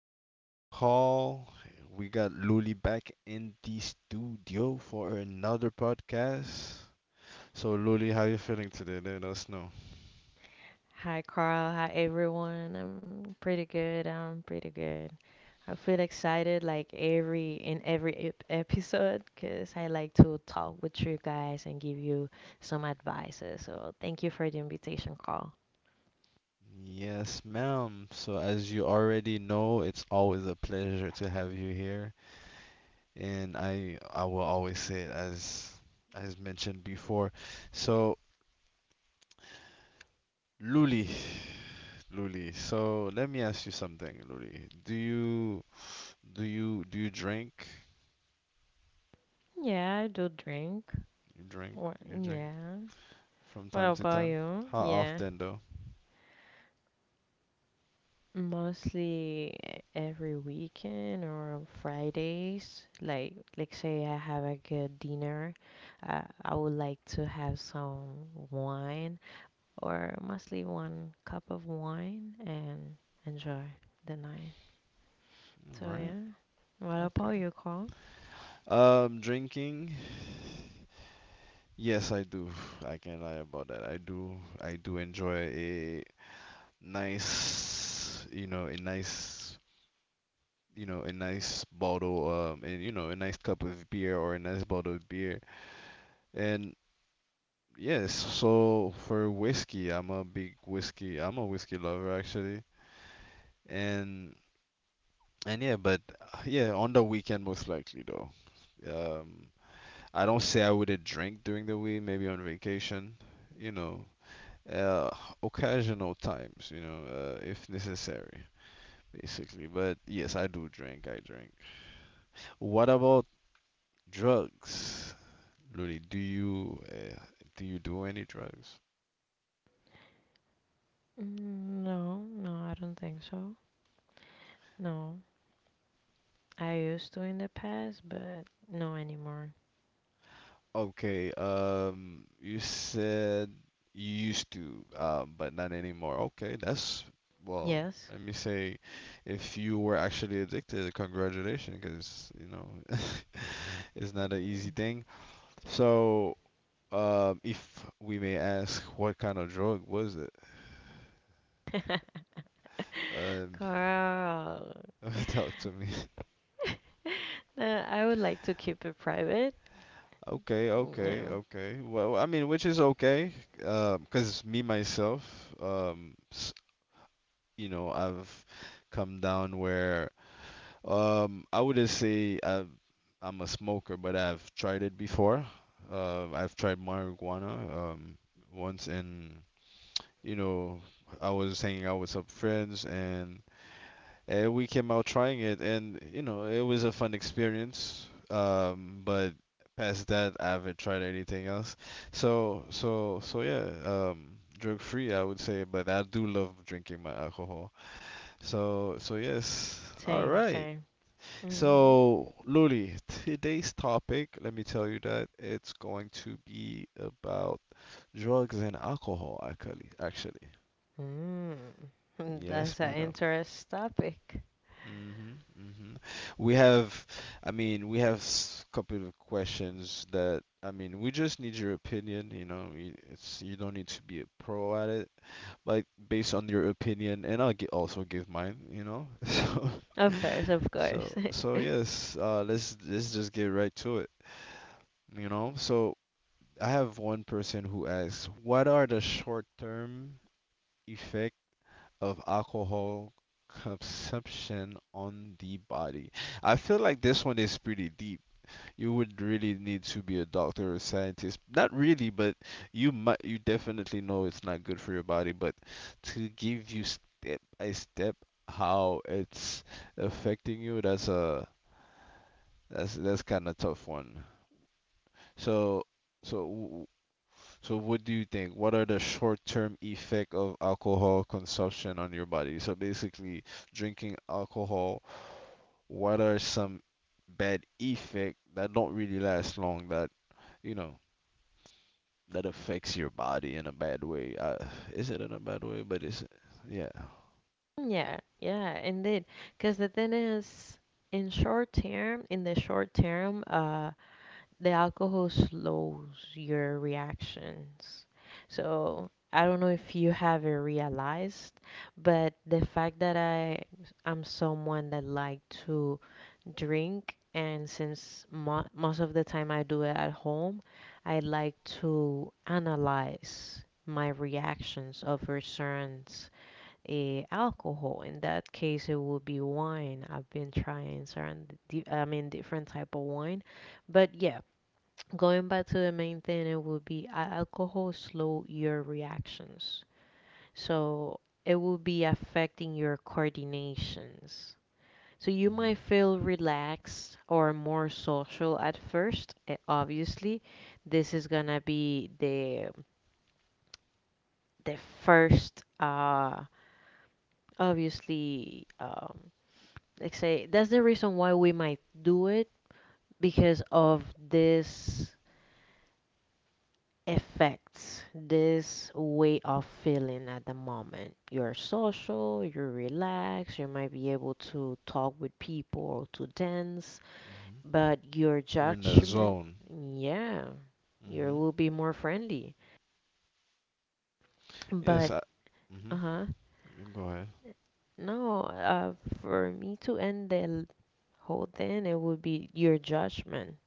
your boy Call. We got Luli back in the studio for another podcast. So, Luli, how you feeling today? Let us know. Hi, Carl. Hi, everyone. I'm pretty good. I'm pretty good. I feel excited like every episode because I like to talk with you guys and give you some advices. So thank you for the invitation, Carl. Yes, ma'am. So, as you already know, it's always a pleasure to have you here, and I will always say it as mentioned before. So, Luli, Luli. So, let me ask you something, Luli. Do you drink? Think. You drink, What, you drink from what time to about time. you? How Yeah, often though? mostly every weekend or Fridays. Like say I have a good dinner. I would like to have some wine, or mostly one cup of wine and enjoy the night. All So right. yeah. What about Okay. you, Carl? Drinking. Yes, I do. I can't lie about that. I do. I do enjoy a nice, you know, a nice, you know, a nice bottle, and you know, a nice cup of beer or a nice bottle of beer. And yes, so for whiskey, I'm a big whiskey. I'm a whiskey lover actually. And and yeah, but yeah, on the weekend most likely though. Um, I don't say I wouldn't drink during the week, maybe on vacation, you know, uh, occasional times, you know, if necessary, basically. But yes, I do drink. I drink. What about drugs, Lily? Do you do you do any drugs? No, no, I don't think so. No, I used to in the past, but no anymore. Okay. You said you used to, but not anymore. Okay, that's well. Yes, Let me say, if you were actually addicted, congratulations, because you know. Isn't that an easy thing? So, if we may ask, what kind of drug was it? Um, Carl. tell to me. Okay, okay, okay. Well, I mean, which is okay, because me myself, um, s- you know, I've come down where, I wouldn't say I've, I'm a smoker, but I've tried it before. I've tried marijuana, once and you know, I was hanging out with some friends and we came out trying it, and you know it was a fun experience. But past that, I haven't tried anything else. So yeah, drug free I would say, but I do love drinking my alcohol. So yes, all Same, right. same. Mm-hmm. So Luli, today's topic, let me tell you that it's going to be about drugs and alcohol, actually. Actually, Mm. yes, That's an madam. interest topic. hmm hmm We have, I mean, we have a couple of questions that, I mean, we just need your opinion, you know, it's you don't need to be a pro at it, but based on your opinion, and I'll also give mine, you know. So, Of course, of course. so, so yes, let's just get right to it, you know. So I have one person who asks, what are the short-term effects of alcohol consumption on the body. I feel like this one is pretty deep. You would really need to be a doctor or scientist. Not really, but you might you definitely know it's not good for your body, but to give you step by step how it's affecting you, that's a that's kind of tough one. So so w- so what do you think? What are the short-term effect of alcohol consumption on your body? So basically, drinking alcohol, what are some bad effect that don't really last long that, you know, that affects your body in a bad way? Is it in a bad way? But it's, yeah. Yeah, yeah, indeed. Because the thing is, in the short term, the alcohol slows your reactions. So I don't know if you have it realized, but the fact that I am someone that like to drink, and since mo most of the time I do it at home, I like to analyze my reactions over certain alcohol. In that case, it would be wine. I've been trying certain, different type of wine. But yeah, going back to the main thing, it would be alcohol slow your reactions. So it will be affecting your coordinations. So you might hmm feel relaxed or more social at first. Obviously, this is gonna be the the first, obviously, like say that's the reason why we might do it, because of this effects, this way of feeling at the moment. You're social, you're relaxed, you might be able to talk with people or to dance, but your You're in the judgment... zone. Yeah, you hmm will be more friendly, Yes, but... I, hmm Uh-huh. go ahead. No, for me to end the whole thing, it would be your judgment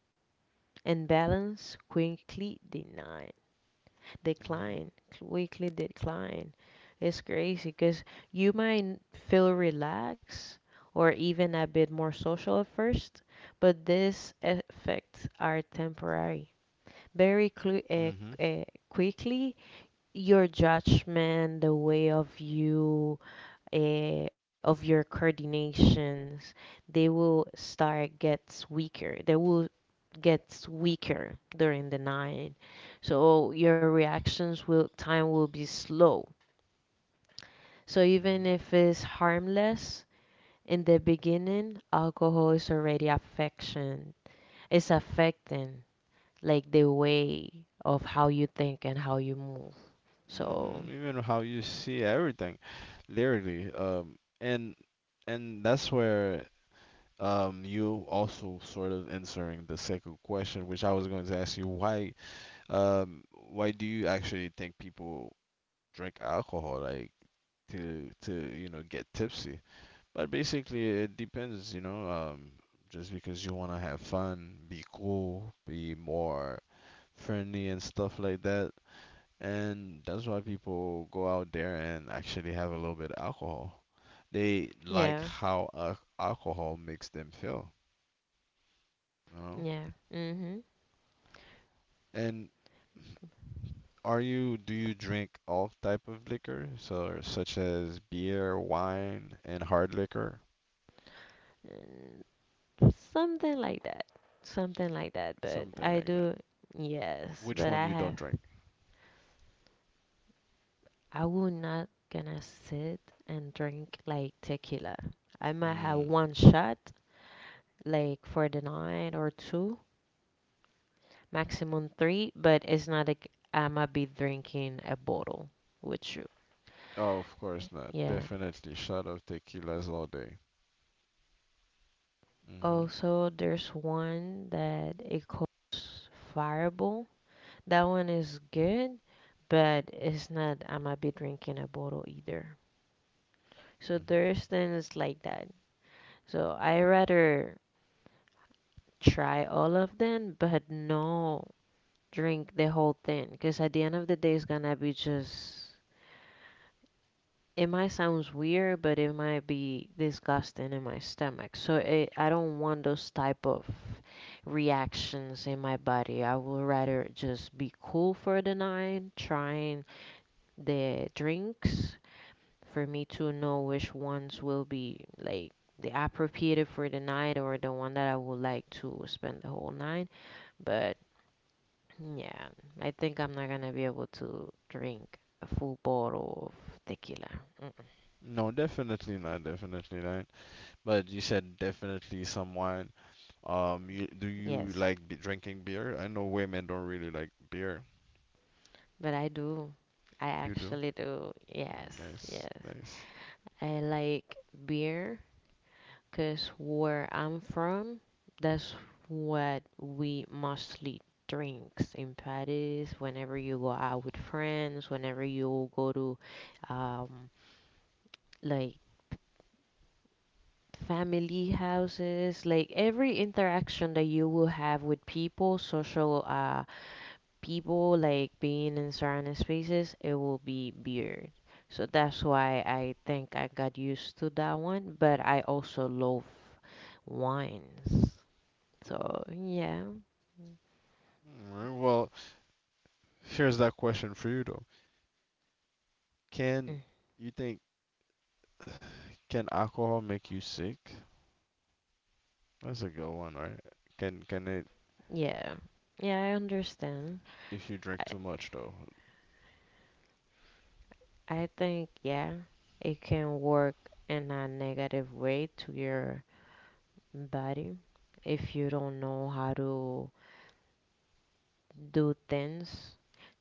and balance quickly denied decline, weekly decline. It's crazy because you might feel relaxed or even a bit more social at first, but these effects are temporary. Very clu- uh, hmm uh, quickly, your judgment, the way of you, of your coordinations, they will start gets weaker. They will gets weaker during the night. So your reactions will time will be slow. So even hmm if it's harmless in the beginning, alcohol is already affection. It's affecting like the way of how you think and how you move. So Even how you see everything lyrically, and and that's where you also sort of answering the second question, which I was going to ask you, why do you actually think people drink alcohol, like to you know get tipsy? But basically, it depends, you know, just because you want to have fun, be cool, be more friendly and stuff like that and that's why people go out there and actually have a little bit of alcohol. They like yeah. how al alcohol makes them feel, you know? Yeah. Mhm. And are you, do you drink all type of liquor? So, such as beer, wine, and hard liquor? And. Something like that. Something like that. But Something I like that. do. Yes. Which But one I you don't have. drink? I will not gonna sit and drink like tequila. I might have Mm. one shot, like for the night or two, maximum three. But it's not like I might be drinking a bottle with you. Oh, of course not. Yeah. Definitely shot of tequilas all day. hmm Also, one that it calls fireball. That one is good, but it's not I am going to be drinking a bottle either. So there's things like that. So I rather try all of them, but no drink the whole thing, because at the end of the day, it's gonna be just. It might sound weird, but it might be disgusting in my stomach. So it, I don't want those type of reactions in my body. I would rather just be cool for the night, trying the drinks for me to know which ones will be like the appropriate for the night or the one that I would like to spend the whole night. But yeah, I think I'm not gonna be able to drink a full bottle of tequila. No, definitely not. Definitely not. But you said definitely some wine. You, do you Yes, like be drinking beer? I know women don't really like beer. but I do. I You do? actually do. Mm, Yes, nice, yes. nice. I like beer, because where I'm from, that's what we mostly drinks in parties. Whenever you go out with friends, whenever you go to um, like family houses, like every interaction that you will have with people, social people, like being in certain spaces, it will be beer. So that's why I think I got used to that one, but I also love wines. So yeah. Alright, well, here's that question for you though. Can Mm, you think can alcohol make you sick? That's a good one, right? Can it yeah, yeah. I understand. if you I drink too much though? I think yeah, it can work in a negative way to your body if you don't know how to do things.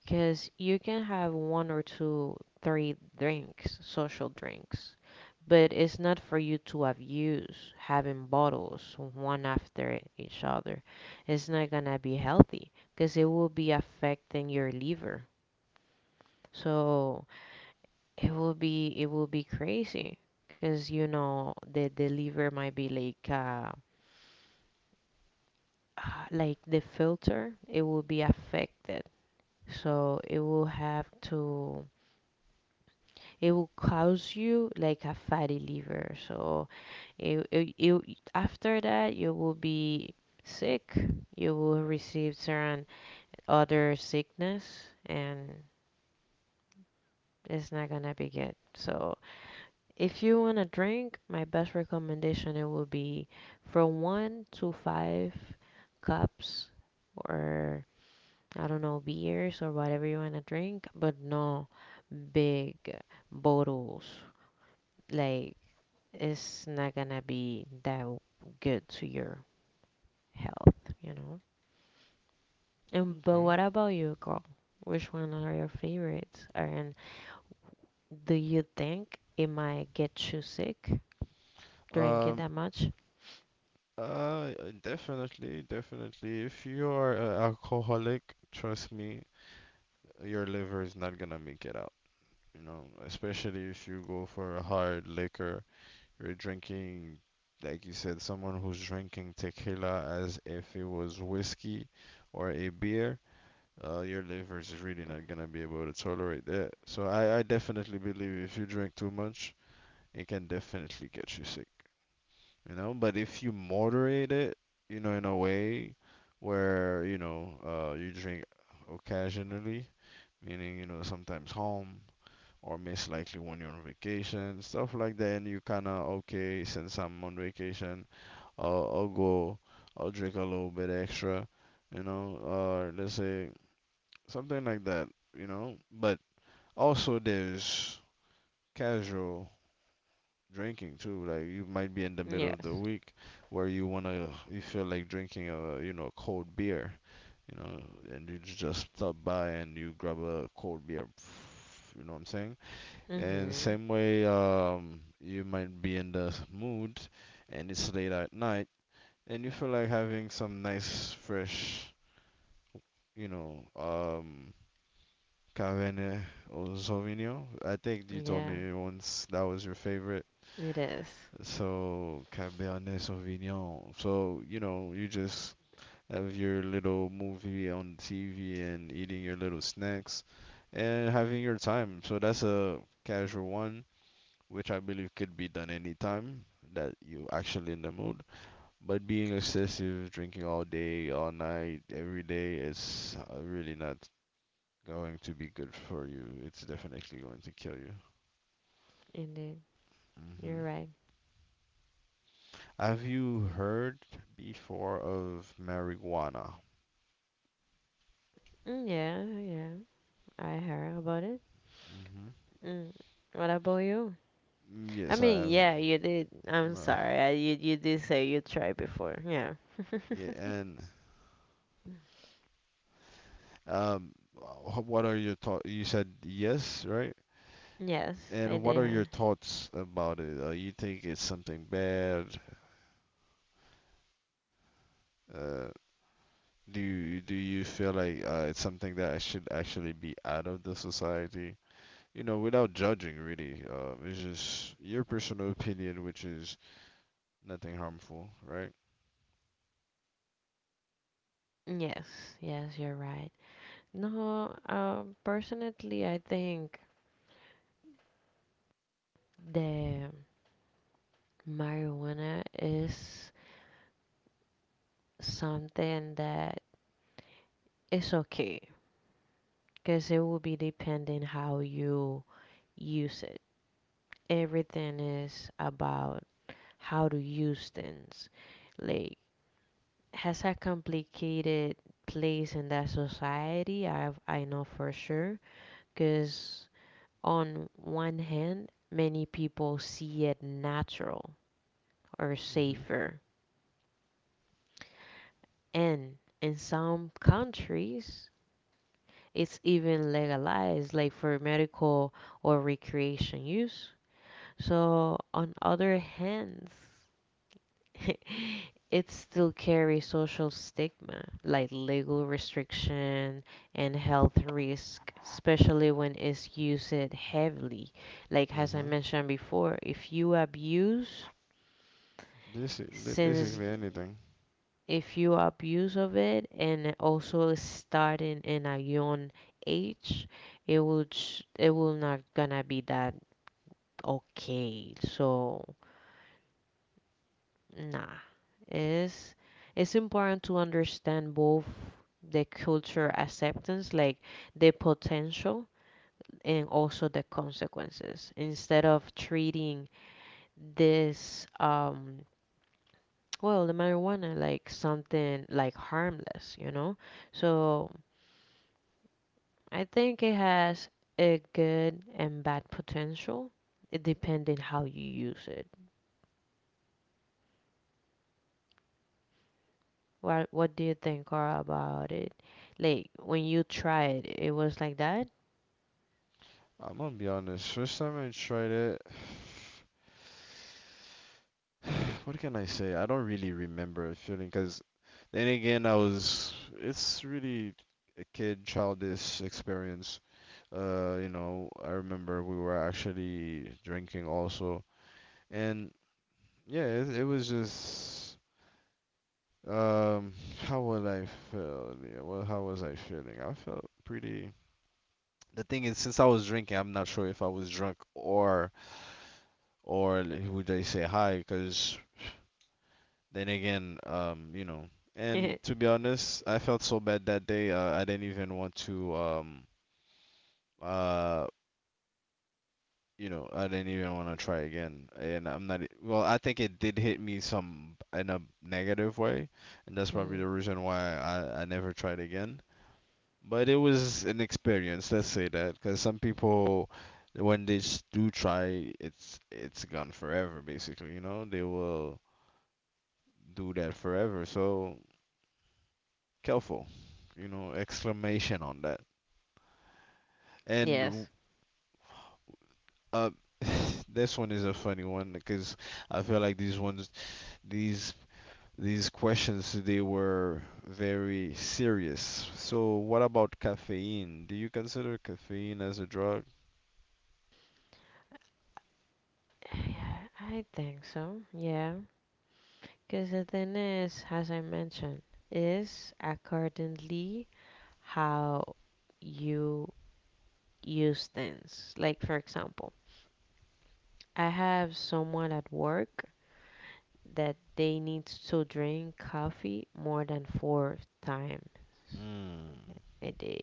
Cause you can have one or two, three drinks, social drinks, but it's not for you to abuse having bottles one after each other. It's not gonna be healthy because it will be affecting your liver. So it will be, it will be crazy, because you know, the liver might be like, like the filter, it will be affected. So it will have to, it will cause you like a fatty liver. So it after that, you will be sick. You will receive certain other sickness and it's not gonna be good. So if you want to drink, my best recommendation it will be from one to five cups, or I don't know, beers or whatever you want to drink, but no big bottles. Like it's not gonna be that good to your health, you know. And but Okay. what about you, girl? Which one are your favorites? And do you think it might get you sick drinking Um, that much? uh, Definitely, definitely. If you are an alcoholic, trust me, your liver is not gonna make it out. You know, especially if you go for a hard liquor. You're drinking, like you said, someone who's drinking tequila as if it was whiskey or a beer. Your liver is really not gonna be able to tolerate that. So I definitely believe if you drink too much, it can definitely get you sick. You know, but if you moderate it, you know, in a way where you know you drink occasionally, meaning you know sometimes home, or most likely when you're on vacation, stuff like that. And you kind of, okay, since I'm on vacation, I'll go, I'll drink a little bit extra, you know, or let's say something like that, you know. But also, there's casual drinking too. Like you might be in the middle of the Yes. week where you wanna, you feel like drinking a, you know, cold beer, you know, and you just stop by and you grab a cold beer, you know what I'm saying? And the Mm-hmm. same way, you might be in the mood and it's late at night and you feel like having some nice, fresh, you know, Cabernet or Sauvignon. I think you told Yeah, me once that was your favorite. it is. So, Cabernet Sauvignon. So, you know, you just have your little movie on TV and eating your little snacks and having your time. So that's a casual one, which I believe could be done anytime that you actually in the mood. But being excessive, drinking all day, all night, every day is really not going to be good for you. It's definitely going to kill you. Indeed. hmm You're right. Have you heard before of marijuana? Mm, yeah, yeah. I heard about it. Mm. What about you? Mm, I yes, I mean, have. yeah, you did. I'm Uh, sorry. I, you did say you tried before. Yeah. yeah, and what are your thoughts? You said yes, right? Yes, I And what did are your hear. thoughts about it? You think it's something bad? Uh, do you feel like it's something that I should actually be out of the society? You know, without judging, really. It's just your personal opinion, which is nothing harmful, right? Yes, yes, you're right. No, personally, I think the marijuana is something that is okay, because it will be depending how you use it. Everything is about how to use things. Like, has a complicated place in that society. I know for sure, because on one hand, many people see it natural or Mm-hmm. safer, and in some countries, it's even legalized, like for medical or recreation use. So on other hands... it still carries social stigma like legal restriction and health risk, especially when it's used heavily. Like as I Mm-hmm. mentioned before, if you abuse, since Basically anything. if you abuse of it, and also starting in a young age, it will it will not gonna be that okay. So nah, it's it's important to understand both the culture acceptance, like the potential, and also the consequences. Instead of treating this, well, the marijuana like something like harmless, you know. So I think it has a good and bad potential, it depending how you use it. What do you think, Carl, about it? Like when you tried, it was like that? I'm gonna be honest. First time I tried it, what can I say? I don't really remember a feeling because then again, I was it's really a kid childish experience. You know, I remember we were actually drinking also, and yeah, it was just um, how would I feel? Yeah, well, how was I feeling? I felt pretty. The thing is, since I was drinking, I'm not sure if I was drunk or would I say hi? Because then again, you know, and to be honest, I felt so bad that day. I didn't even want to, uh, you know, I didn't even want to try again. And I'm not, well, I think it did hit me some in a negative way, and that's probably Mm, the reason why I never tried again. But it was an experience, let's say that, because some people, when they do try, it's gone forever, basically. You know, they will do that forever. So careful, you know, exclamation on that. And yes. uh, this one is a funny one because I feel like these ones, these these questions today were very serious. So, what about caffeine? Do you consider caffeine as a drug? Yeah, I think so. Yeah. Because the thing is, as I mentioned, is accordingly how you use things. Like, for example, I have someone at work that they need to drink coffee more than four times a day.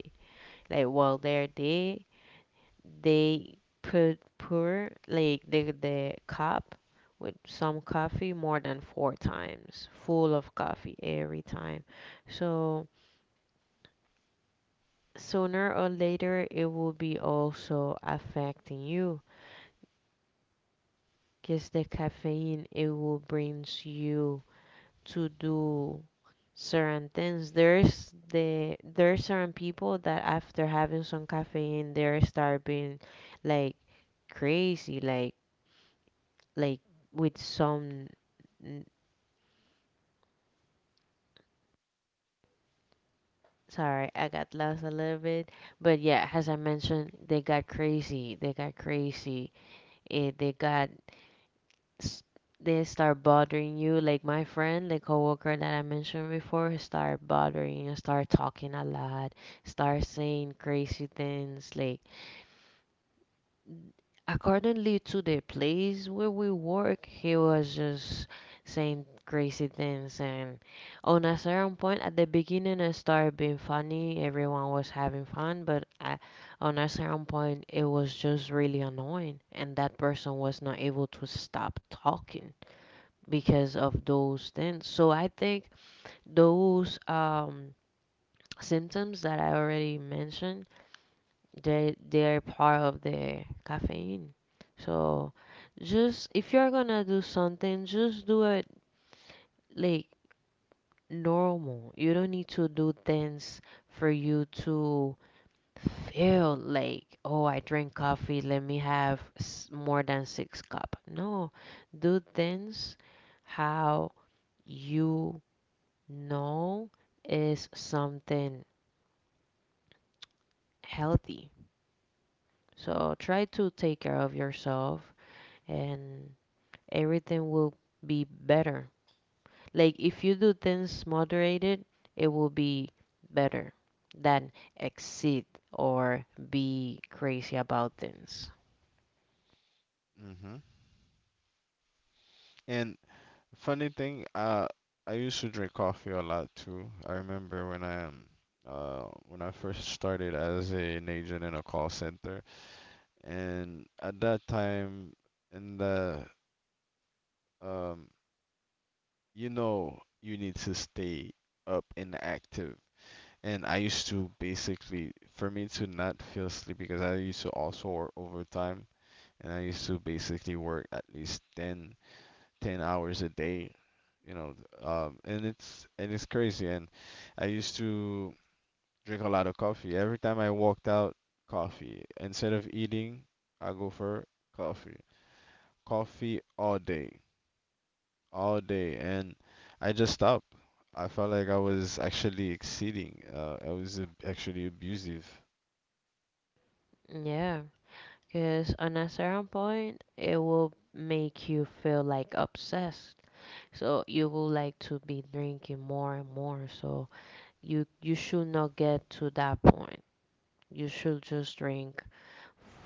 Like, while they're there, they put pour like the cup with some coffee more than four times full of coffee every time. So sooner or later, it will be also affecting you, because the caffeine, it will brings you to do certain things. There's the, there's are certain people that after having some caffeine, they start being like crazy, like with some... Sorry, I got lost a little bit. But yeah, as I mentioned, they got crazy, it, they got s- they start bothering you. Like my friend, the coworker that I mentioned before, he start bothering you, start talking a lot, start saying crazy things, like accordingly to the place where we work, he was just saying crazy things. And on a certain point, at the beginning, it started being funny. Everyone was having fun, but I, on a certain point, it was just really annoying. And that person was not able to stop talking because of those things. So I think those symptoms that I already mentioned, they they're part of the caffeine. So just if you're gonna do something, just do it like normal. You don't need to do things for you to feel like, oh, I drink coffee, let me have more than six cup. No, do things how you know is something healthy. So try to take care of yourself, and everything will be better. Like if you do things moderated, it will be better than exceed or be crazy about things. hmm And funny thing, I used to drink coffee a lot too. I remember when I first started as an agent in a call center, and at that time in the um you know you need to stay up and active and I used to basically for me to not feel sleepy because I used to also work overtime and I used to basically work at least 10 hours a day, you know. And it's crazy and I used to drink a lot of coffee every time I walked out coffee instead of eating I go for coffee, coffee all day, and I just stopped. I felt like I was actually exceeding. I was actually abusive. Yeah, because on a certain point, it will make you feel like obsessed. So you will like to be drinking more and more. So you should not get to that point. You should just drink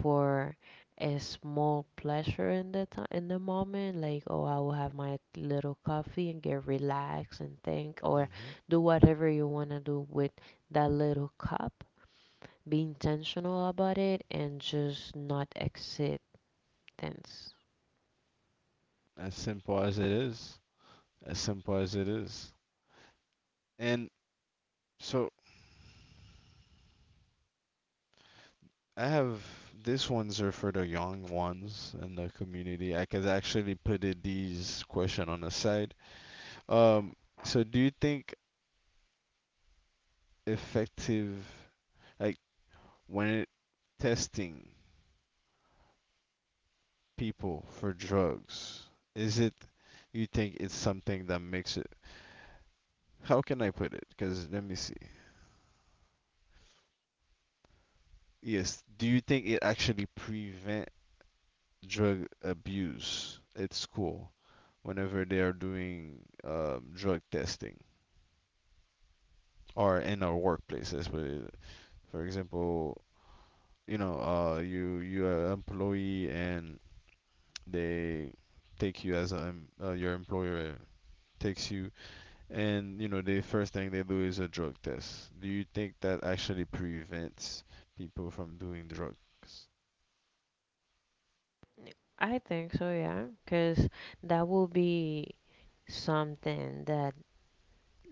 for a small pleasure in the time in the moment, like, oh, I will have my little coffee and get relaxed and think or hmm do whatever you want to do with that little cup. Be intentional about it and just not acceptance. as simple as it is, as simple as it is. And so I have these ones are for the young ones in the community. I could actually put it, these question on the side. Um, so do you think effective, like when it testing? People for drugs? Is it you think it's something that makes it? How can I put it? Because let me see. Yes, do you think it actually prevent drug abuse at school whenever they are doing drug testing or in our workplaces? But for example, you know, you are an employee and they take you as a em- your employer takes you, and you know the first thing they do is a drug test. Do you think that actually prevents people from doing drugs? I think so, yeah, because that will be something that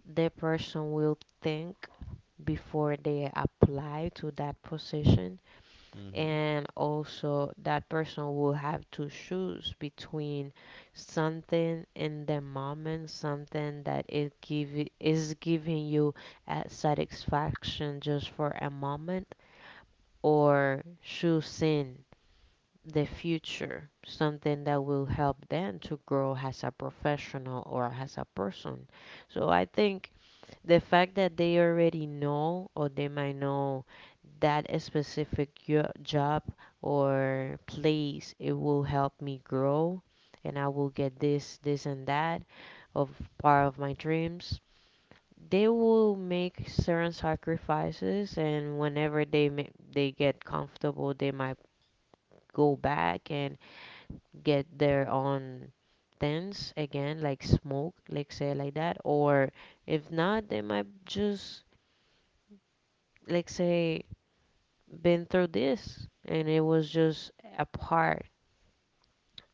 the person will think before they apply to that position. Hmm. And also that person will have to choose between something in the moment, something that is it give is giving you satisfaction just for a moment, or choosing the future, something that will help them to grow as a professional or as a person. So I think the fact that they already know, or they might know, that a specific job or place, it will help me grow and I will get this and that, of part of my dreams. They will make certain sacrifices, and whenever they get comfortable, they might go back and get their own things again, like smoke, like, say, like that. Or if not, they might just, like, say been through this and it was just a part,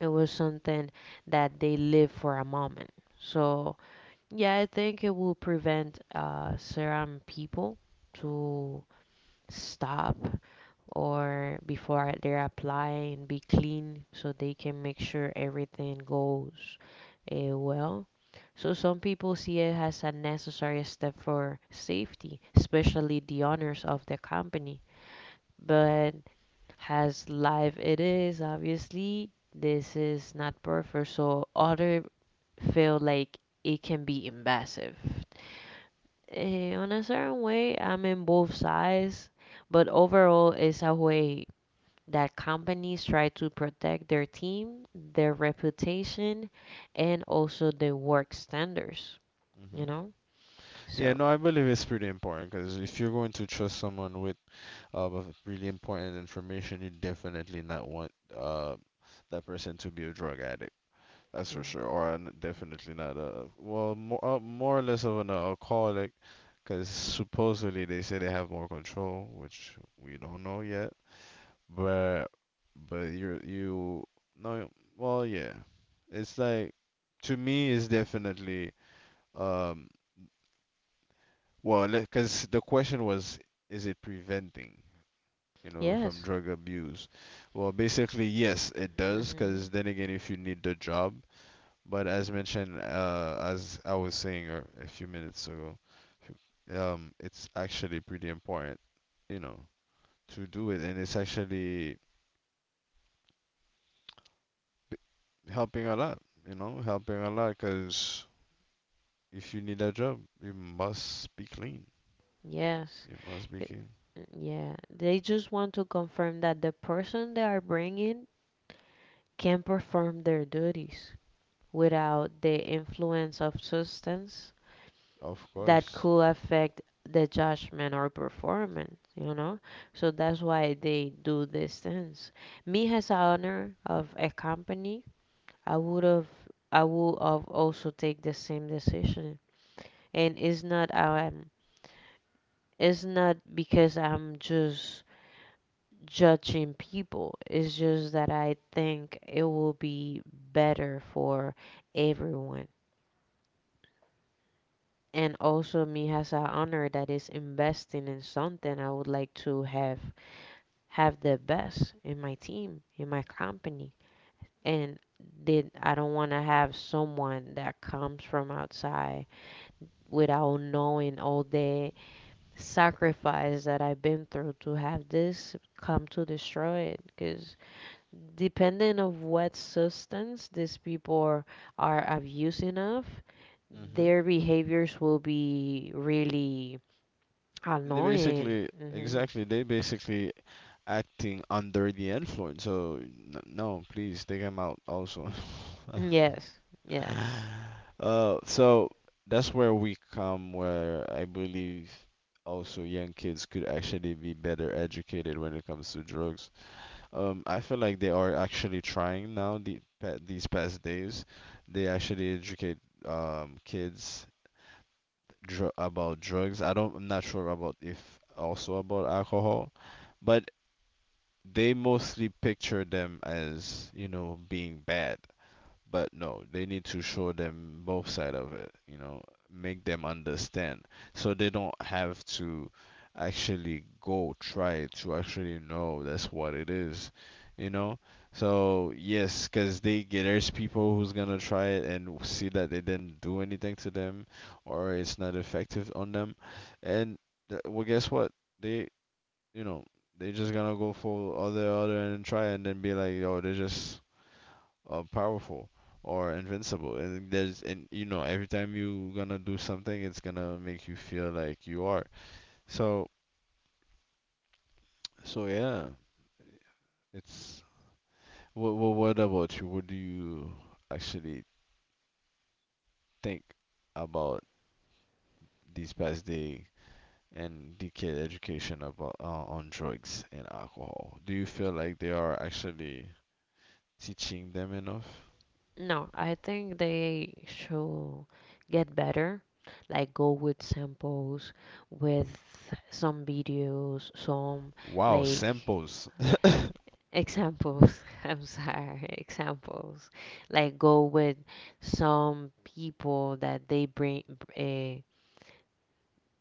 it was something that they live for a moment. So yeah, I think it will prevent certain people to stop, or before they're applying, be clean so they can make sure everything goes well. So some people see it as a necessary step for safety, especially the owners of the company. But Has live it is, obviously this is not perfect, so other feel like it can be invasive. On a certain way, I'm in both sides, but overall it's a way that companies try to protect their team, their reputation, and also their work standards, you Hmm. know. Yeah, So, no, I believe it's pretty important because if you're going to trust someone with of really important information, you definitely not want that person to be a drug addict. That's for mm, sure. Or n- definitely not a, well, more or less of an alcoholic, because supposedly they say they have more control, which we don't know yet. But but you're you no well yeah. It's like, to me it's definitely, um well, because the question was, is it preventing, you know, from yes. drug abuse? Well, basically yes, it does, because Hmm. then again, if you need the job, but as mentioned, as I was saying a few minutes ago, if you- it's actually pretty important, you know, to do it, and it's actually helping a lot, you know, helping a lot, because if you need a job, you must be clean. Yes. You must be It- clean, Yeah. They just want to confirm that the person they are bringing can perform their duties without the influence of substance of that course. could affect the judgment or performance, you know? So that's why they do these things. Me as a owner of a company, I would have I would have also take the same decision. And it's not because I'm just judging people. It's just that I think it will be better for everyone. And also me as an honor that is investing in something, I would like to have the best in my team, in my company. And then I don't want to have someone that comes from outside without knowing all the sacrifice that I've been through to have this come to destroy it. Because depending of what substance these people are abusing of, Hmm. their behaviors will be really They annoying. basically, Hmm. exactly, they basically acting under the influence. So n- no, please take them out also. Yes, yes. So that's where we come, where I believe also young kids could actually be better educated when it comes to drugs. I feel like they are actually trying now the pa- these past days. They actually educate kids dr about drugs. I don't, I'm not sure about if also about alcohol, but they mostly picture them as, you know, being bad. But no, they need to show them both side of it, you know, make them understand, so they don't have to actually go try to actually know that's what it is, you know. So yes, because they get there's people who's gonna try it and see that they didn't do anything to them, or it's not effective on them, and th- well, guess what? They, you know, they just gonna go for other and try and then be like, yo, they just powerful or invincible. And there's, and you know, every time you gonna do something, it's gonna make you feel like you are. So, so yeah, it's. What about you? What do you actually think about these past day and the kid education about on drugs and alcohol? Do you feel like they are actually teaching them enough? No, I think they should get better. Like, go with samples, with some videos, some, Wow, like, samples. Examples. I'm sorry. Examples. Like go with some people that they bring uh,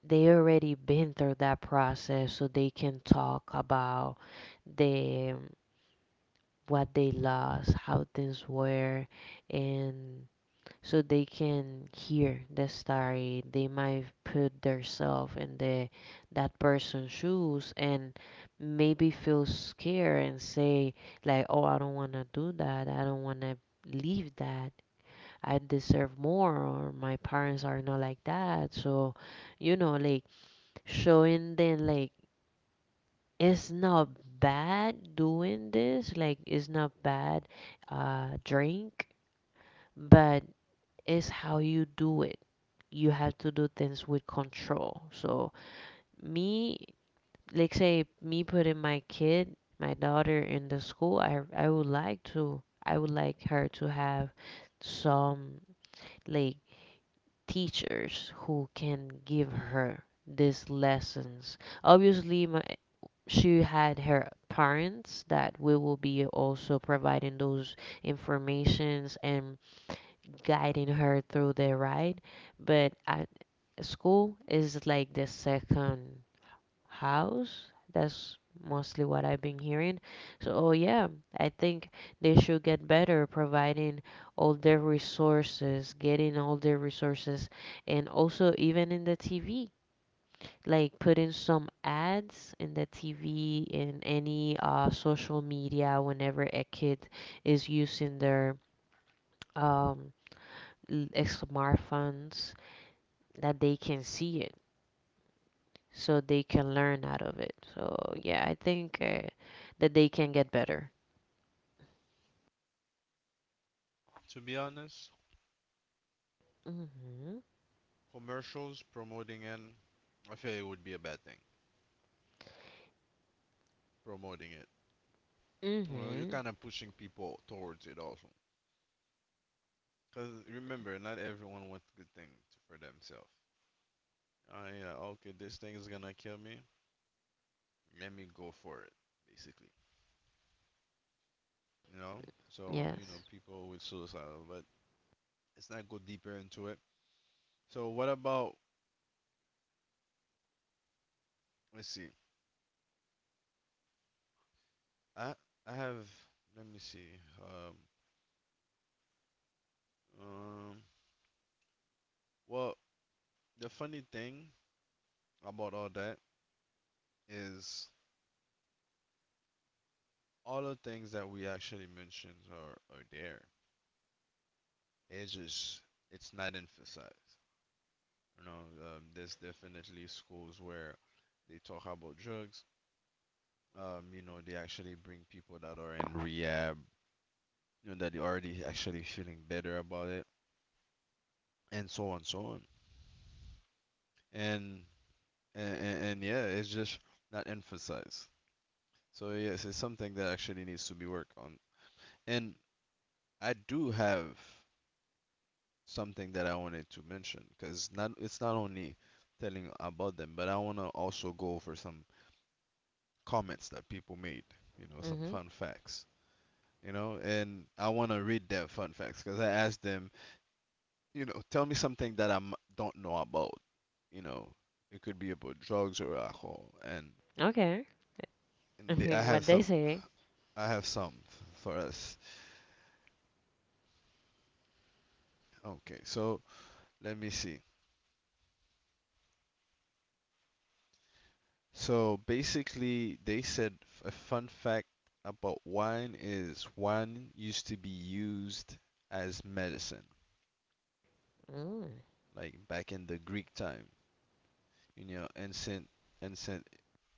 they already been through that process so they can talk about the what they lost, how things were, and so they can hear the story. They might put themselves in the that person's shoes and maybe feel scared and say, like, "Oh, I don't want to do that. I don't want to leave that. I deserve more, or my parents are not like that." So, you know, like showing them like it's not bad doing this. Like it's not bad drink, but is how you do it. You have to do things with control. So, me, like say, me putting my kid, my daughter, in the school, I would like to, I would like her to have some, like, teachers who can give her these lessons. Obviously, my, she had her parents that we will be also providing those informations and guiding her through the ride. But at school is like the second house. That's mostly what I've been hearing. So, oh, yeah, I think they should get better providing all their resources, getting all their resources, and also even in the TV. Like putting some ads in the TV, in any social media, whenever a kid is using their um, smartphones that they can see it so they can learn out of it. So, yeah, I think that they can get better. To be honest, commercials promoting, and I feel it would be a bad thing promoting it. Mm Well, you're hmm. kind of pushing people towards it also. Because remember, not everyone wants good things for themselves. Oh, yeah, okay, this thing is gonna kill me. Let me go for it, basically. You know? So, you know, Yes. people with suicidal, but let's not go deeper into it. So, what about, let's see. I, I have, let me see. Um, well, the funny thing about all that is all the things that we actually mentioned are there. It's just it's not emphasized. You know, there's definitely schools where they talk about drugs. You know, they actually bring people that are in rehab, you know, that are already actually feeling better about it, and so on, so on. And yeah, it's just not emphasized. So yes, it's something that actually needs to be worked on. And I do have something that I wanted to mention because not it's not only telling about them, but I want to also go over some comments that people made, you know, Mm some hmm. fun facts, you know, and I want to read their fun facts because I asked them, you know, tell me something that I m- don't know about, you know, it could be about drugs or alcohol, Okay. I and they, mean, what they say. I have some for us. Okay, so let me see. So basically, they said f- a fun fact about wine is wine used to be used as medicine, Mm, like back in the Greek time. You know, ancient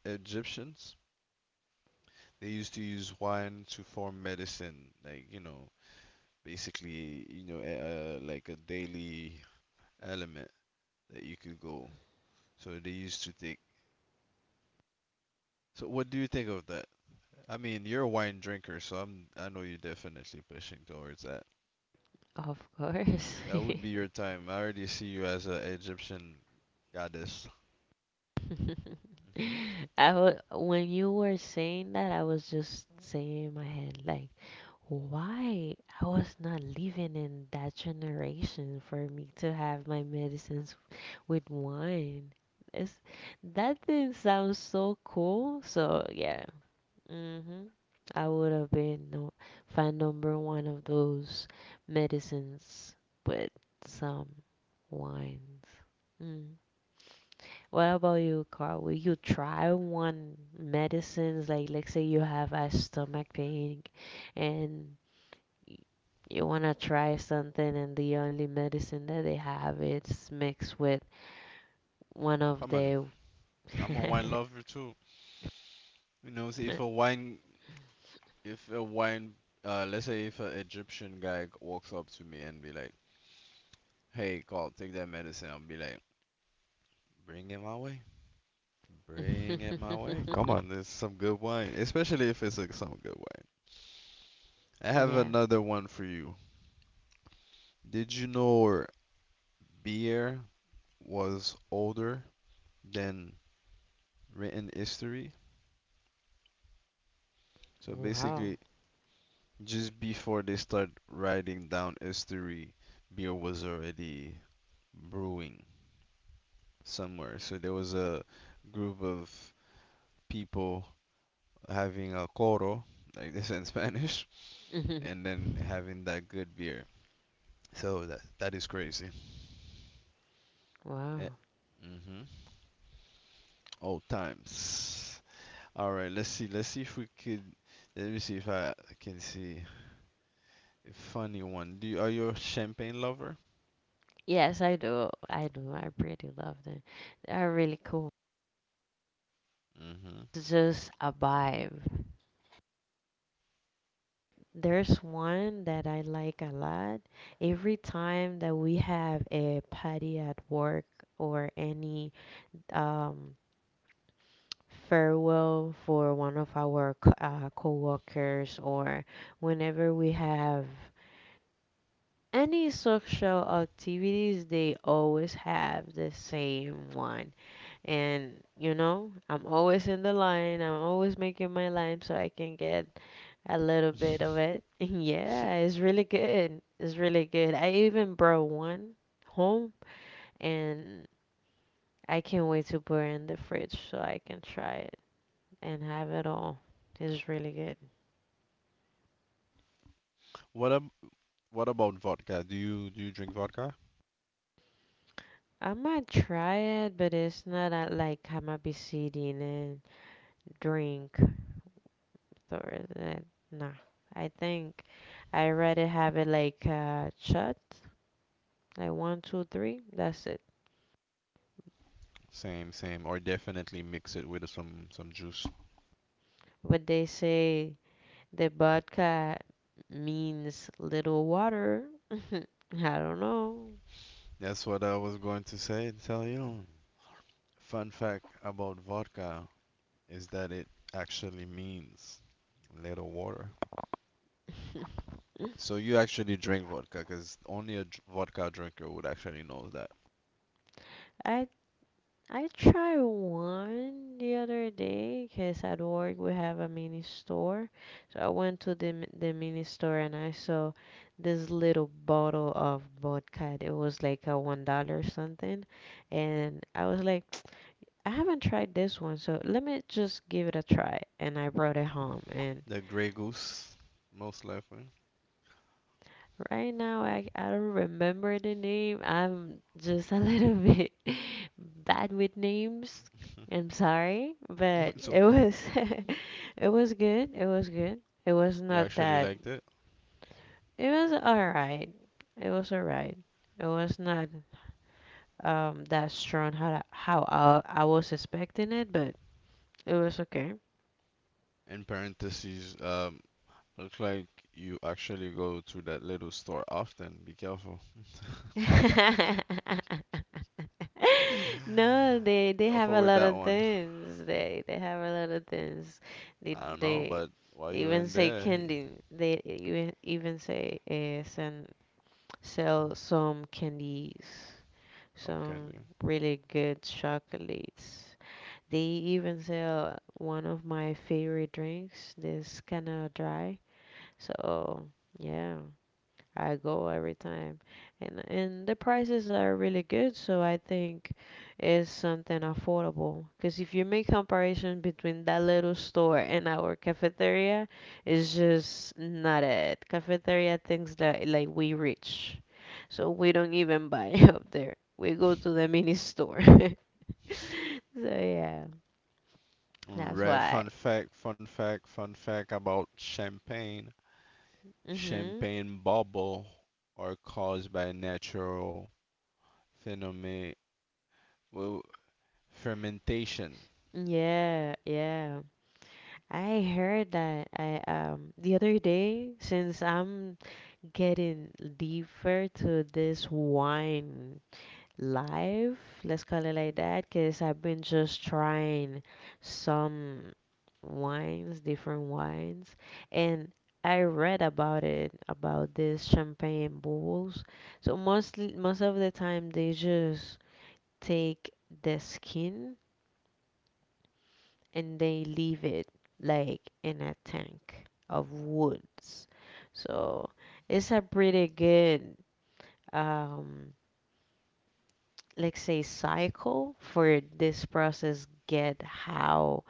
Egyptians, they used to use wine to form medicine, like you know, basically, you know, like a daily element that you could go. So they used to take. So what do you think of that? I mean, you're a wine drinker, so I'm I know you're definitely pushing towards that. of course. That would be your time. I already see you as an Egyptian goddess. Hmm. When you were saying that, I was just saying in my head, like, why? I was not living in that generation for me to have my medicines with wine. It's, that thing sounds so cool. So yeah. Hmm. I would have been, no, fan number one of those medicines with some wines. Mm. What about you, Carl? Will you try one medicines? Like, let's say you have a stomach pain and y- you want to try something and the only medicine that they have is mixed with one of Come on, the I'm a wine lover too. You know, see if a wine, let's say if an Egyptian guy walks up to me and be like, "Hey, Carl, take that medicine," I'll be like, "Bring it my way. Bring it my way. Come on, there's some good wine, especially if it's like some good wine." I have yeah. another one for you. Did you know beer was older than written history? So Wow. basically, just before they start writing down history, beer was already brewing somewhere. So there was a group of people having a coro, like this in Spanish, and then having that good beer. So that that is crazy. Wow. Eh, mm-hmm. Old times. All right, let's see. Let's see if we could. Let me see if I can see a funny one. Do you, are you a champagne lover? Yes, I do, I pretty love them. They are really cool. It's just a vibe. There's one that I like a lot. Every time that we have a party at work, or any um farewell for one of our coworkers, or whenever we have any social activities, they always have the same one. And you know, I'm always in the line. I'm always making my line so I can get a little bit Mm-hmm. of it. Yeah, it's really good. It's really good. I even brought one home, and I can't wait to put it in the fridge so I can try and have it all. It's really good. What ab What about vodka? Do you drink vodka? I might try it, but it's not like I might be sitting and drink or that. Nah, I think I rather have it like shot, like one, two, three. That's it. Same, same, or definitely mix it with some juice. But they say the vodka means little water. I don't know. That's what I was going to say and tell you. Fun fact about vodka is that it actually means little water. So you actually drink vodka because only a dr- vodka drinker would actually know that. I I tried one the other day because at work we have a mini store. So I went to the mini store and I saw this little bottle of vodka. It was like a $1 something, and I was like, I haven't tried this one, so let me just give it a try. And I brought it home, and The Grey Goose, most likely. right now, I don't remember the name. I'm just a little bit bad with names. I'm sorry, No, but it's it okay. was it was good. It was good. It was You not actually that. liked it? It was all right. It was all right. It was not that strong how I was expecting it, but it was okay. In parentheses, looks like you actually go to that little store often. Be careful. They Go have a forward lot that of one. things. They have a lot of things. They I don't know, they, but while they you're even in say there, you candy. They even say send sell some candies, can some do. really good chocolates. They even sell one of my favorite drinks. This kind of dry. So yeah, I go every time, and the prices are really good. So I think it's something affordable. Because if you make comparison between that little store and our cafeteria, it's just not it. Cafeteria things that, like, we rich, so we don't even buy up there. We go to the mini store. So yeah, that's Alright, why. fun fact, fun fact, fun fact about champagne. Mhm. Champagne bubble are caused by natural phenomena, well, fermentation. Yeah, yeah. I heard that I the other day, since I'm getting deeper to this wine life, let's call it like that, because I've been just trying some wines, different wines, and I read about it, about this champagne bubbles. So mostly, most of the time, they just take the skin and they leave it like in a tank of woods. So it's a pretty good um like say cycle for this process, get how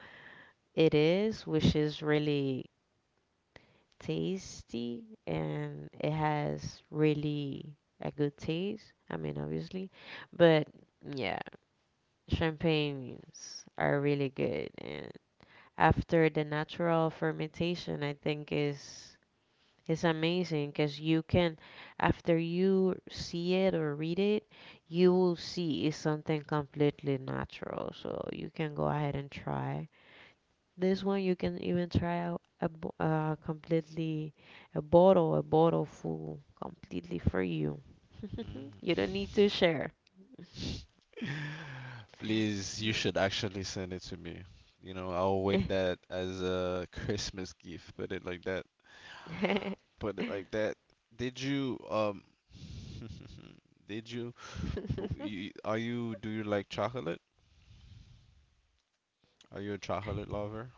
it is, which is really tasty and it has really a good taste, I mean, obviously. But yeah, champagnes are really good, and after the natural fermentation I think is. It's amazing because you can, after you see it or read it, you will see it's something completely natural. So you can go ahead and try. This one you can even try out completely a bottle full, completely for you. You don't need to share. Please, you should actually send it to me. You know, I'll wait that as a Christmas gift. Put it like that. Put it like that. Did you um? did you W- you- Are you, do you like chocolate? Are you a chocolate lover?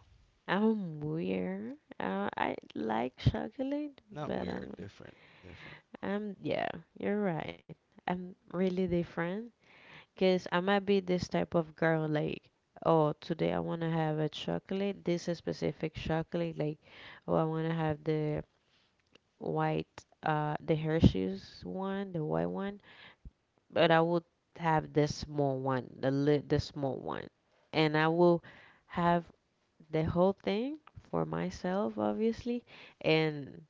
I'm weird. I like chocolate, Not but I'm weird, different, different. I'm yeah, you're right. I'm really different. Because I might be this type of girl, like, oh, today I want to have a chocolate, this is specific chocolate, like, oh, I want to have the white, the Hershey's one, the white one, but I would have the small one, the small one, and I will have the whole thing for myself, obviously, and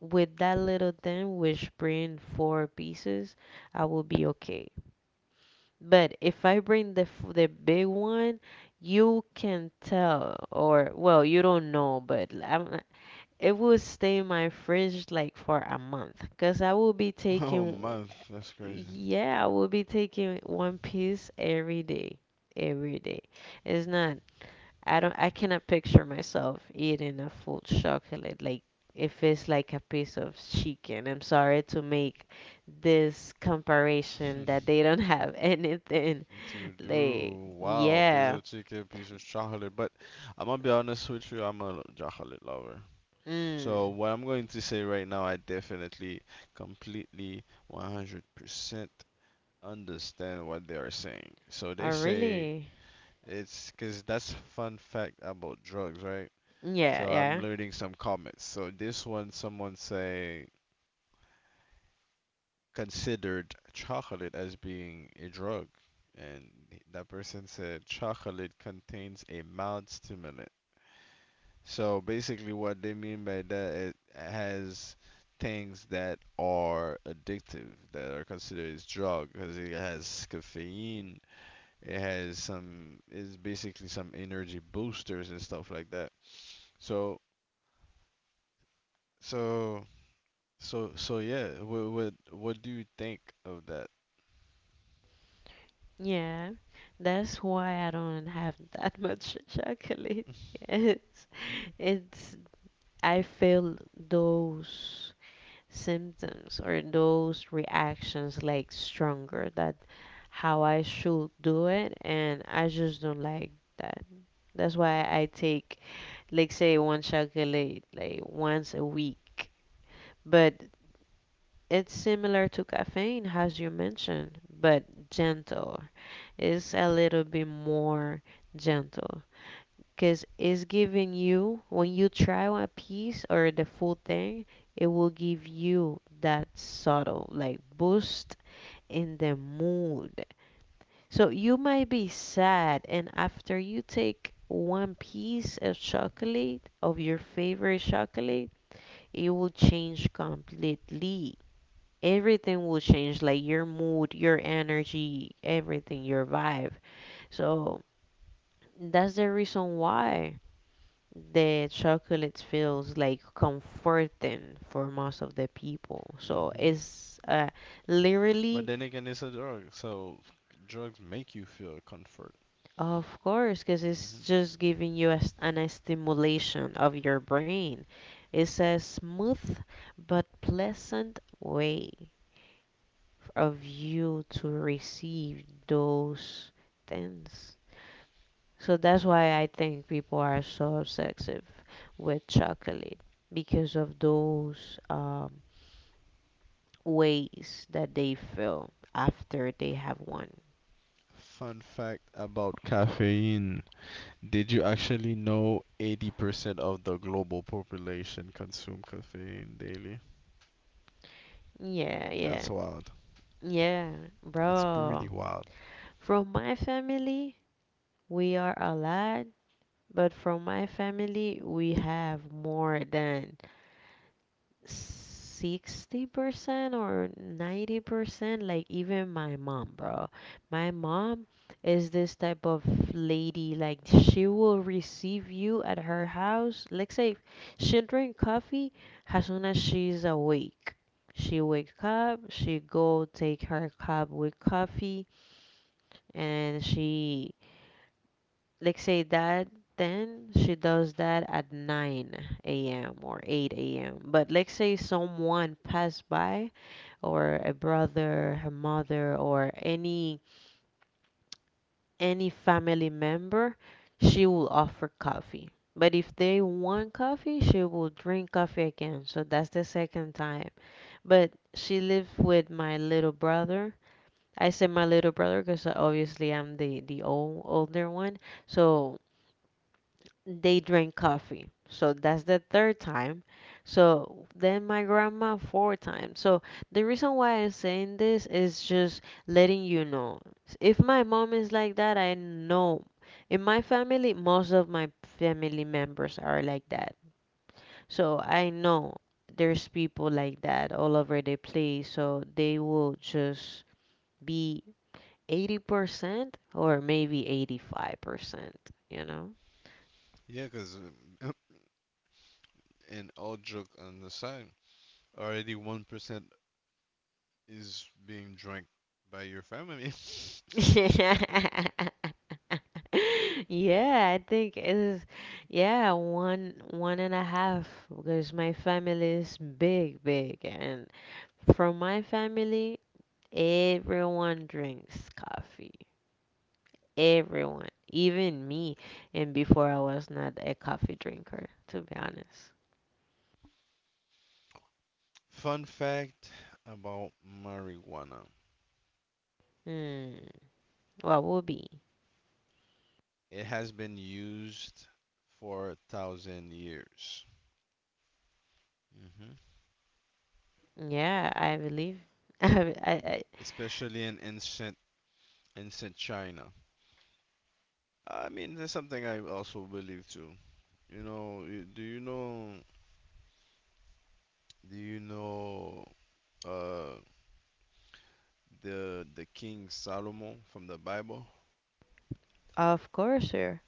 with that little thing, which bring four pieces, I will be okay. But if I bring the big one, you can tell, or well, you don't know, but l- I'm, not- it will stay in my fridge like for a month, cause I will be Oh, taking, month, that's crazy. yeah, I will be taking one piece every day, every day. It's not, I don't, I cannot picture myself eating a full chocolate, like. If it's like a piece of chicken, I'm sorry to make this comparison that they don't have anything, To like, do, wow, piece yeah. of chicken, piece of chocolate. But I'm gonna be honest with you, I'm a chocolate lover. So Mm. what I'm going to say right now, I definitely, completely, 100% understand what they are saying. So I they say really. it's because that's fun fact about drugs, right? Yeah, So I'm yeah. learning some comments. So this one, someone say considered chocolate as being a drug, and that person said chocolate contains a mild stimulant. So basically, what they mean by that it has things that are addictive that are considered as drug because it has caffeine, it has some, it's basically some energy boosters and stuff like that. So so so yeah, what do you think of that? Yeah. That's why I don't have that much chocolate. Yeah. It's, I feel those symptoms or those reactions like stronger that how I should do it and I just don't like that. That's why I take, like say, one chocolate, like, once a week. But it's similar to caffeine, as you mentioned, but gentle. It's a little bit more gentle because it's giving you, when you try a piece or the full thing, it will give you that subtle, like, boost in the mood. So you might be sad, and after you take one piece of chocolate, of your favorite chocolate, it will change completely. Everything will change, like your mood, your energy, everything, your vibe. So that's the reason why the chocolate feels like comforting for most of the people, so Hmm. it's, But literally. then again, it's a drug, so drugs make you feel comfort. Of course, because it's Hmm. just giving you a s an a stimulation of your brain. It's a smooth but pleasant way of you to receive those things. So that's why I think people are so obsessive with chocolate, because of those ways that they feel after they have one. Fun fact about caffeine. Did you actually know 80% of the global population consume caffeine daily? Yeah, yeah, That's wild. yeah, That's pretty bro. wild. From my family, we are a lot, but from my family, we have more than 60% or 90%, like even my mom, bro. My mom is this type of lady, like, she will receive you at her house. Let's say she'll drink coffee as soon as she's awake. She wake up, she go take her cup with coffee, and she. Let's say that then she does that at 9 a.m. or 8 a.m. But let's say someone passed by, or a brother, her mother, or any family member, she will offer coffee. But if they want coffee, she will drink coffee again. So that's the second time. But she lives with my little brother. I say my little brother because obviously I'm the older one. So they drink coffee. So that's the third time. So then my grandma four times. So the reason why I'm saying this is just letting you know. If my mom is like that, I know. In my family, most of my family members are like that. So I know there's people like that all over the place. So they will just be 80% or maybe 85%, you know? Yeah, because and all joke on the side, already 1% is being drank by your family. Yeah, I think it is. Yeah, one and a half, because my family is big, big, and from my family, everyone drinks coffee. Everyone, even me. And before I was not a coffee drinker, to be honest. Fun fact about marijuana. Hmm. What would be? It has been used for 1,000 years. Mhm. Yeah, I believe. I Especially in ancient China. I mean, that's something I also believe too. You know, do you know uh the King Solomon from the Bible? Of course, sir.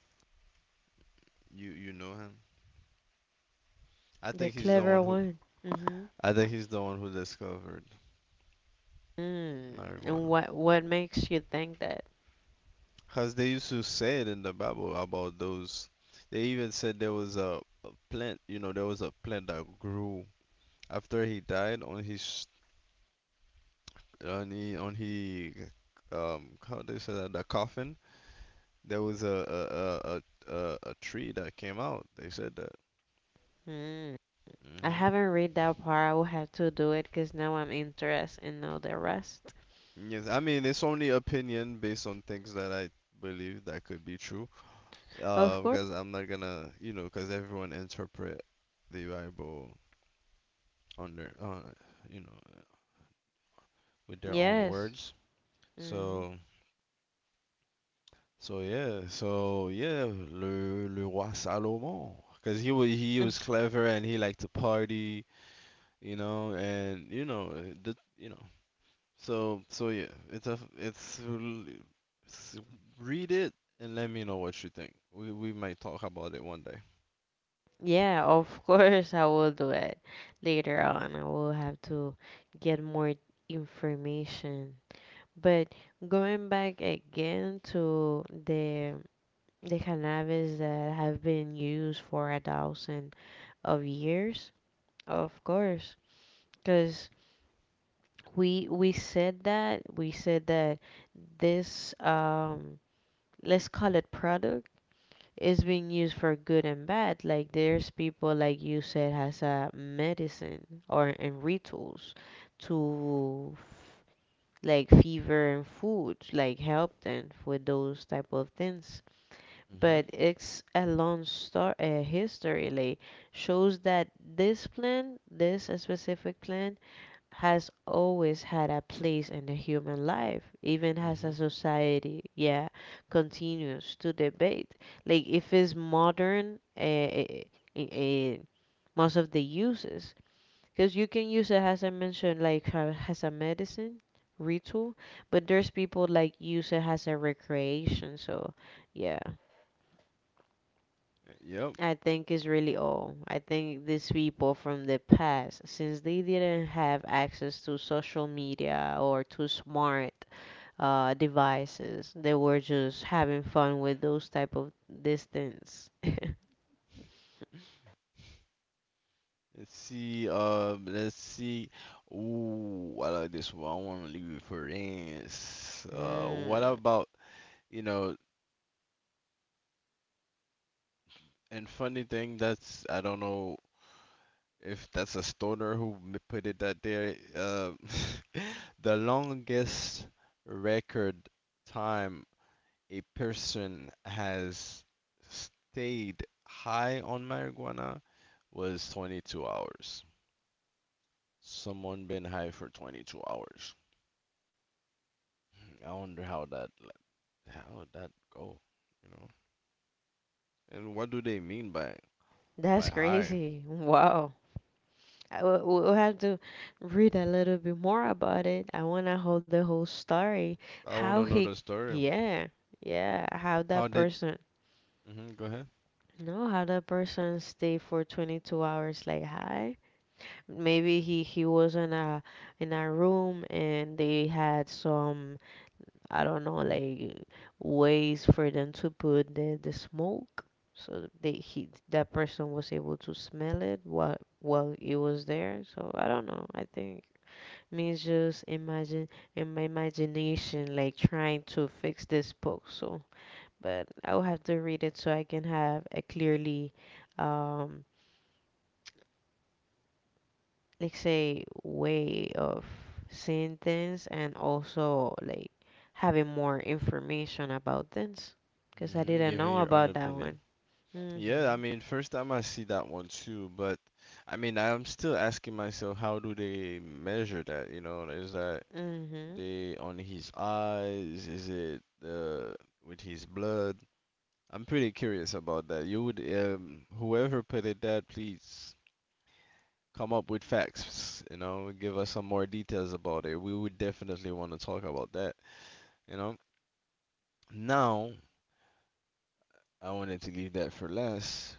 You know him? I The think he's the clever one who one. Mm-hmm. I think he's the one who discovered Mm. And marijuana. what makes you think that? Because they used to say it in the Bible about those. They even said there was a plant, you know, there was a plant that grew after he died on his on he how they say that the coffin. There was a tree that came out. They said that. Mm. I Hmm. haven't read that part. I will have to do it, because now I'm interested in know the rest. Yes, I mean it's only opinion based on things that I believe that could be true. Of course. Because I'm not gonna, you know, because everyone interpret the Bible on their, you know. With their own Yes. words. Mm-hmm. So, so yeah, le, le roi Salomon, because he was he Mm. was clever and he liked to party, you know, and you know, the, you know, so so yeah, it's a it's, l- s- read it and let me know what you think. We might talk about it one day. Yeah, of course I will do it later on. I will have to get more information. But going back again to the cannabis that have been used for 1,000 of years, of course. Because we said that this let's call it product is being used for good and bad. Like, there's people, like you said, has a medicine or and rituals to, like, fever and food, like, help them with those type of things. But Mhm. it's a long story, a history, like, shows that this plant, this specific plant has always had a place in the human life, even as a Mhm. society, yeah, continues to debate. Like if it's modern, eh, eh, most of the uses, because you can use it, as I mentioned, like as a medicine ritual, but there's people like use it as a recreation. So yeah, Yep. I think is really all. I think these people from the past, since they didn't have access to social media or to smart devices, they were just having fun with those type of distance. Let's see. Let's see. Ooh, I like this one. I want to leave it for this. What Mm, about You know, and funny thing, that's I don't know if that's a stoner who put it that there. The longest record time a person has stayed high on marijuana was 22 hours. Someone been high for 22 hours. I wonder how that go, you know? And what do they mean by that's high? crazy. Wow. We'll have to read a little bit more about it. I want to hold the whole story. I want How to know he, the story. yeah, yeah. how How that did person Mm-hmm, go ahead. No, how that person stay for 22 hours like high? Maybe he was in a room, and they had some, I don't know, like, ways for them to put the smoke, so they he that person was able to smell it while it was there. So I don't know. I think, means just imagine, in my imagination, like, trying to fix this book. So, but I will have to read it, so I can have a clearly, um, like, say, way of seeing things, and also like having more information about things, because I Mm-hmm, didn't giving know your own about that opinion. one. Yeah, I Mhm. mean, first time I see that one too, but I mean, I'm still asking myself, how do they measure that? You know, is that Mhm. they on his eyes? Is it with his blood? I'm pretty curious about that. You would, whoever put it that, please come up with facts, you know, give us some more details about it. We would definitely want to talk about that, you know. Now, I wanted to leave that for last.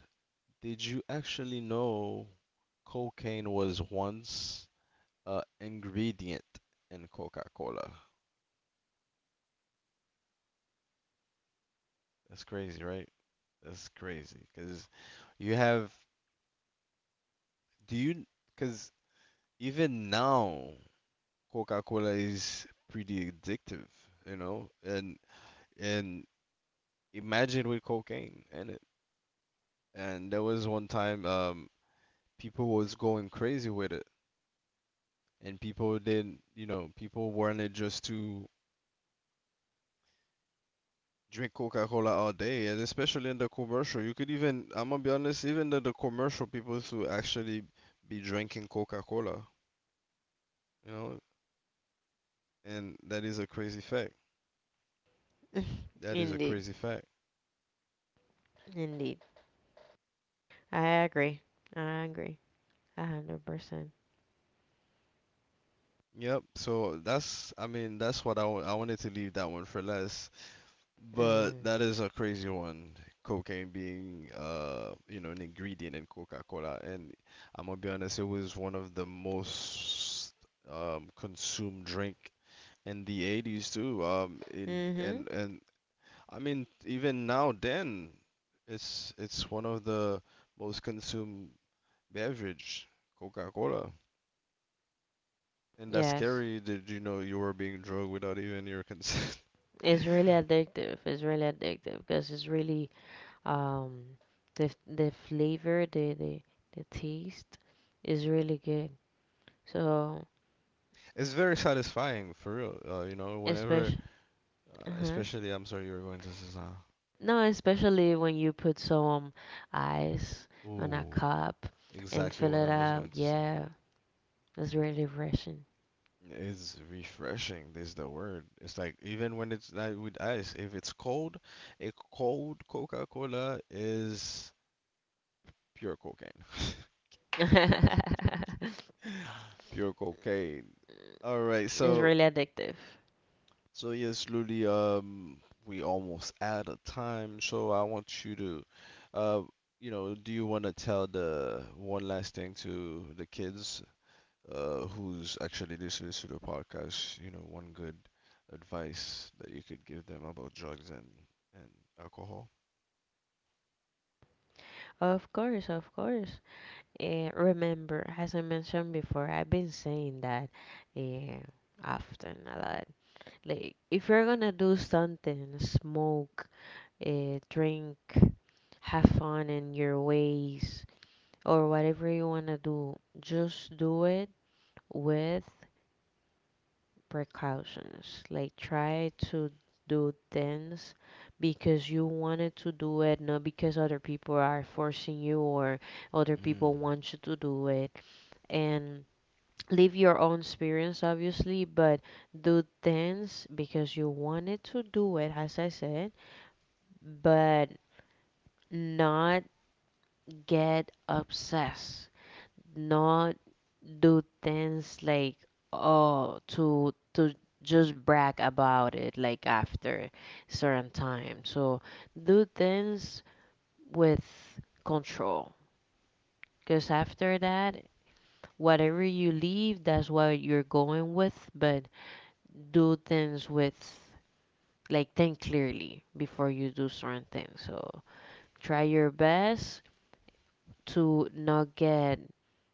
Did you actually know cocaine was once a ingredient in Coca-Cola? That's crazy, right? That's crazy. Because you have, do you, because even now, Coca-Cola is pretty addictive, you know? And imagine with cocaine in it. And there was one time, people was going crazy with it. And people didn't, you know, people wanted just to drink Coca-Cola all day, and especially in the commercial. You could even, I'm gonna be honest, even in the commercial, people to actually be drinking Coca-Cola, you know, and that is a crazy fact. That is a Indeed. crazy fact. Indeed. I agree. I agree. 100%. Yep. So that's, I mean, that's what I I wanted to leave that one for less, but Mm. that is a crazy one. Cocaine being, you know, an ingredient in Coca-Cola, and I'm gonna be honest, it was one of the most consumed drink in the 80s too, in Mhm. And I mean even now then it's one of the most consumed beverage, Coca-Cola, and that's Yes. scary that you know you were being drugged without even your consent. It's really addictive. It's really addictive because it's really. Um, the flavor, the taste is really good. So, it's very satisfying for real, you know, whenever especially. Uh-huh. especially, I'm sorry, you were going to say, No, especially when you put some ice on a ooh, cup and exactly fill what I it was up. going to say. Yeah, it's really refreshing. It's refreshing is the word. It's like even when it's not with ice, if it's cold, a cold Coca-Cola is pure cocaine. Pure cocaine. All right, It's so really addictive. so yes, Ludi, we almost out of time, so I want you to uh you know, do you want to tell the one last thing to the kids, who's actually listening to the podcast, you know, one good advice that you could give them about drugs and alcohol. Of course, of course. Remember, as I mentioned before, I've been saying that eh, often a lot. Like, if you're gonna do something, smoke, drink, have fun in your ways, or whatever you wanna do, just do it with precautions. Like, try to do things because you wanted to do it, not because other people are forcing you or other people want you to do it. And live your own experience, obviously, but do things because you wanted to do it, as I said. But not get obsessed, not do things like, oh, to just brag about it, like, after certain time. So do things with control, because after that, whatever you leave, that's what you're going with. But do things with, like, think clearly before you do certain things. So try your best to not get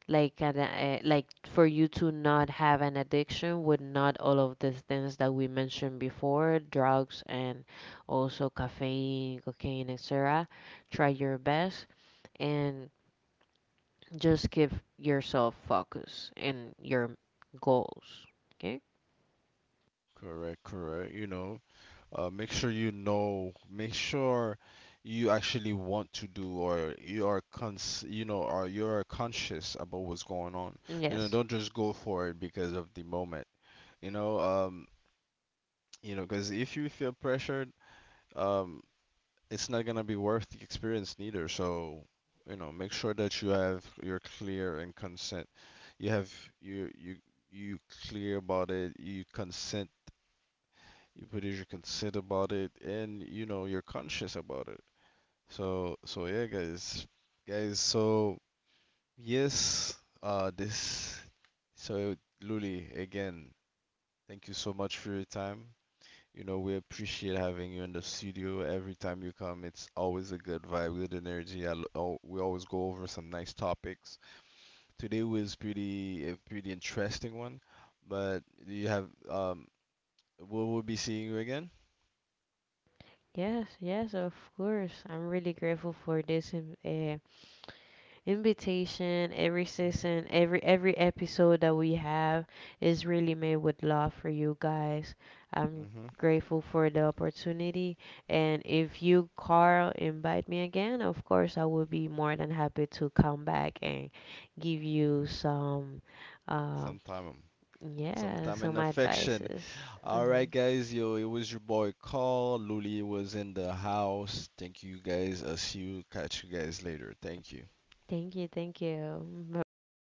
like an, like, for you to not have an addiction with not all of the things that we mentioned before, drugs, and also caffeine, cocaine, etc. Try your best, and just give yourself focus and your goals. Okay? Correct, correct. You know, make sure you know, make sure you actually want to do or you are cons you know, or you're conscious about what's going on. You know, Yes, don't just go for it because of the moment. You know, um, you know, because if you feel pressured, um, it's not gonna be worth the experience neither. So, you know, make sure that you have you're clear and consent. You have you you you clear about it. You consent. You put your consent about it, and you know you're conscious about it. So so yeah, guys, guys. So yes, this. So Luli, again, thank you so much for your time. You know, we appreciate having you in the studio. Every time you come, it's always a good vibe, good energy. We always go over some nice topics. Today was pretty interesting one, but you have we will be seeing you again. yes, yes, of course, I'm really grateful for this invitation. Every Mm-hmm. season, every episode that we have is really made with love for you guys. I'm Mm-hmm. grateful for the opportunity, and if you Carl invite me again, of course I will be more than happy to come back and give you some uh, Sometime, yeah, sometime in some affection. advices. All Hmm. right, guys. Yo, it was your boy Carl. Luli was in the house. Thank you guys. I'll see you. Catch you guys later. Thank you. Thank you, thank you. Bye bye.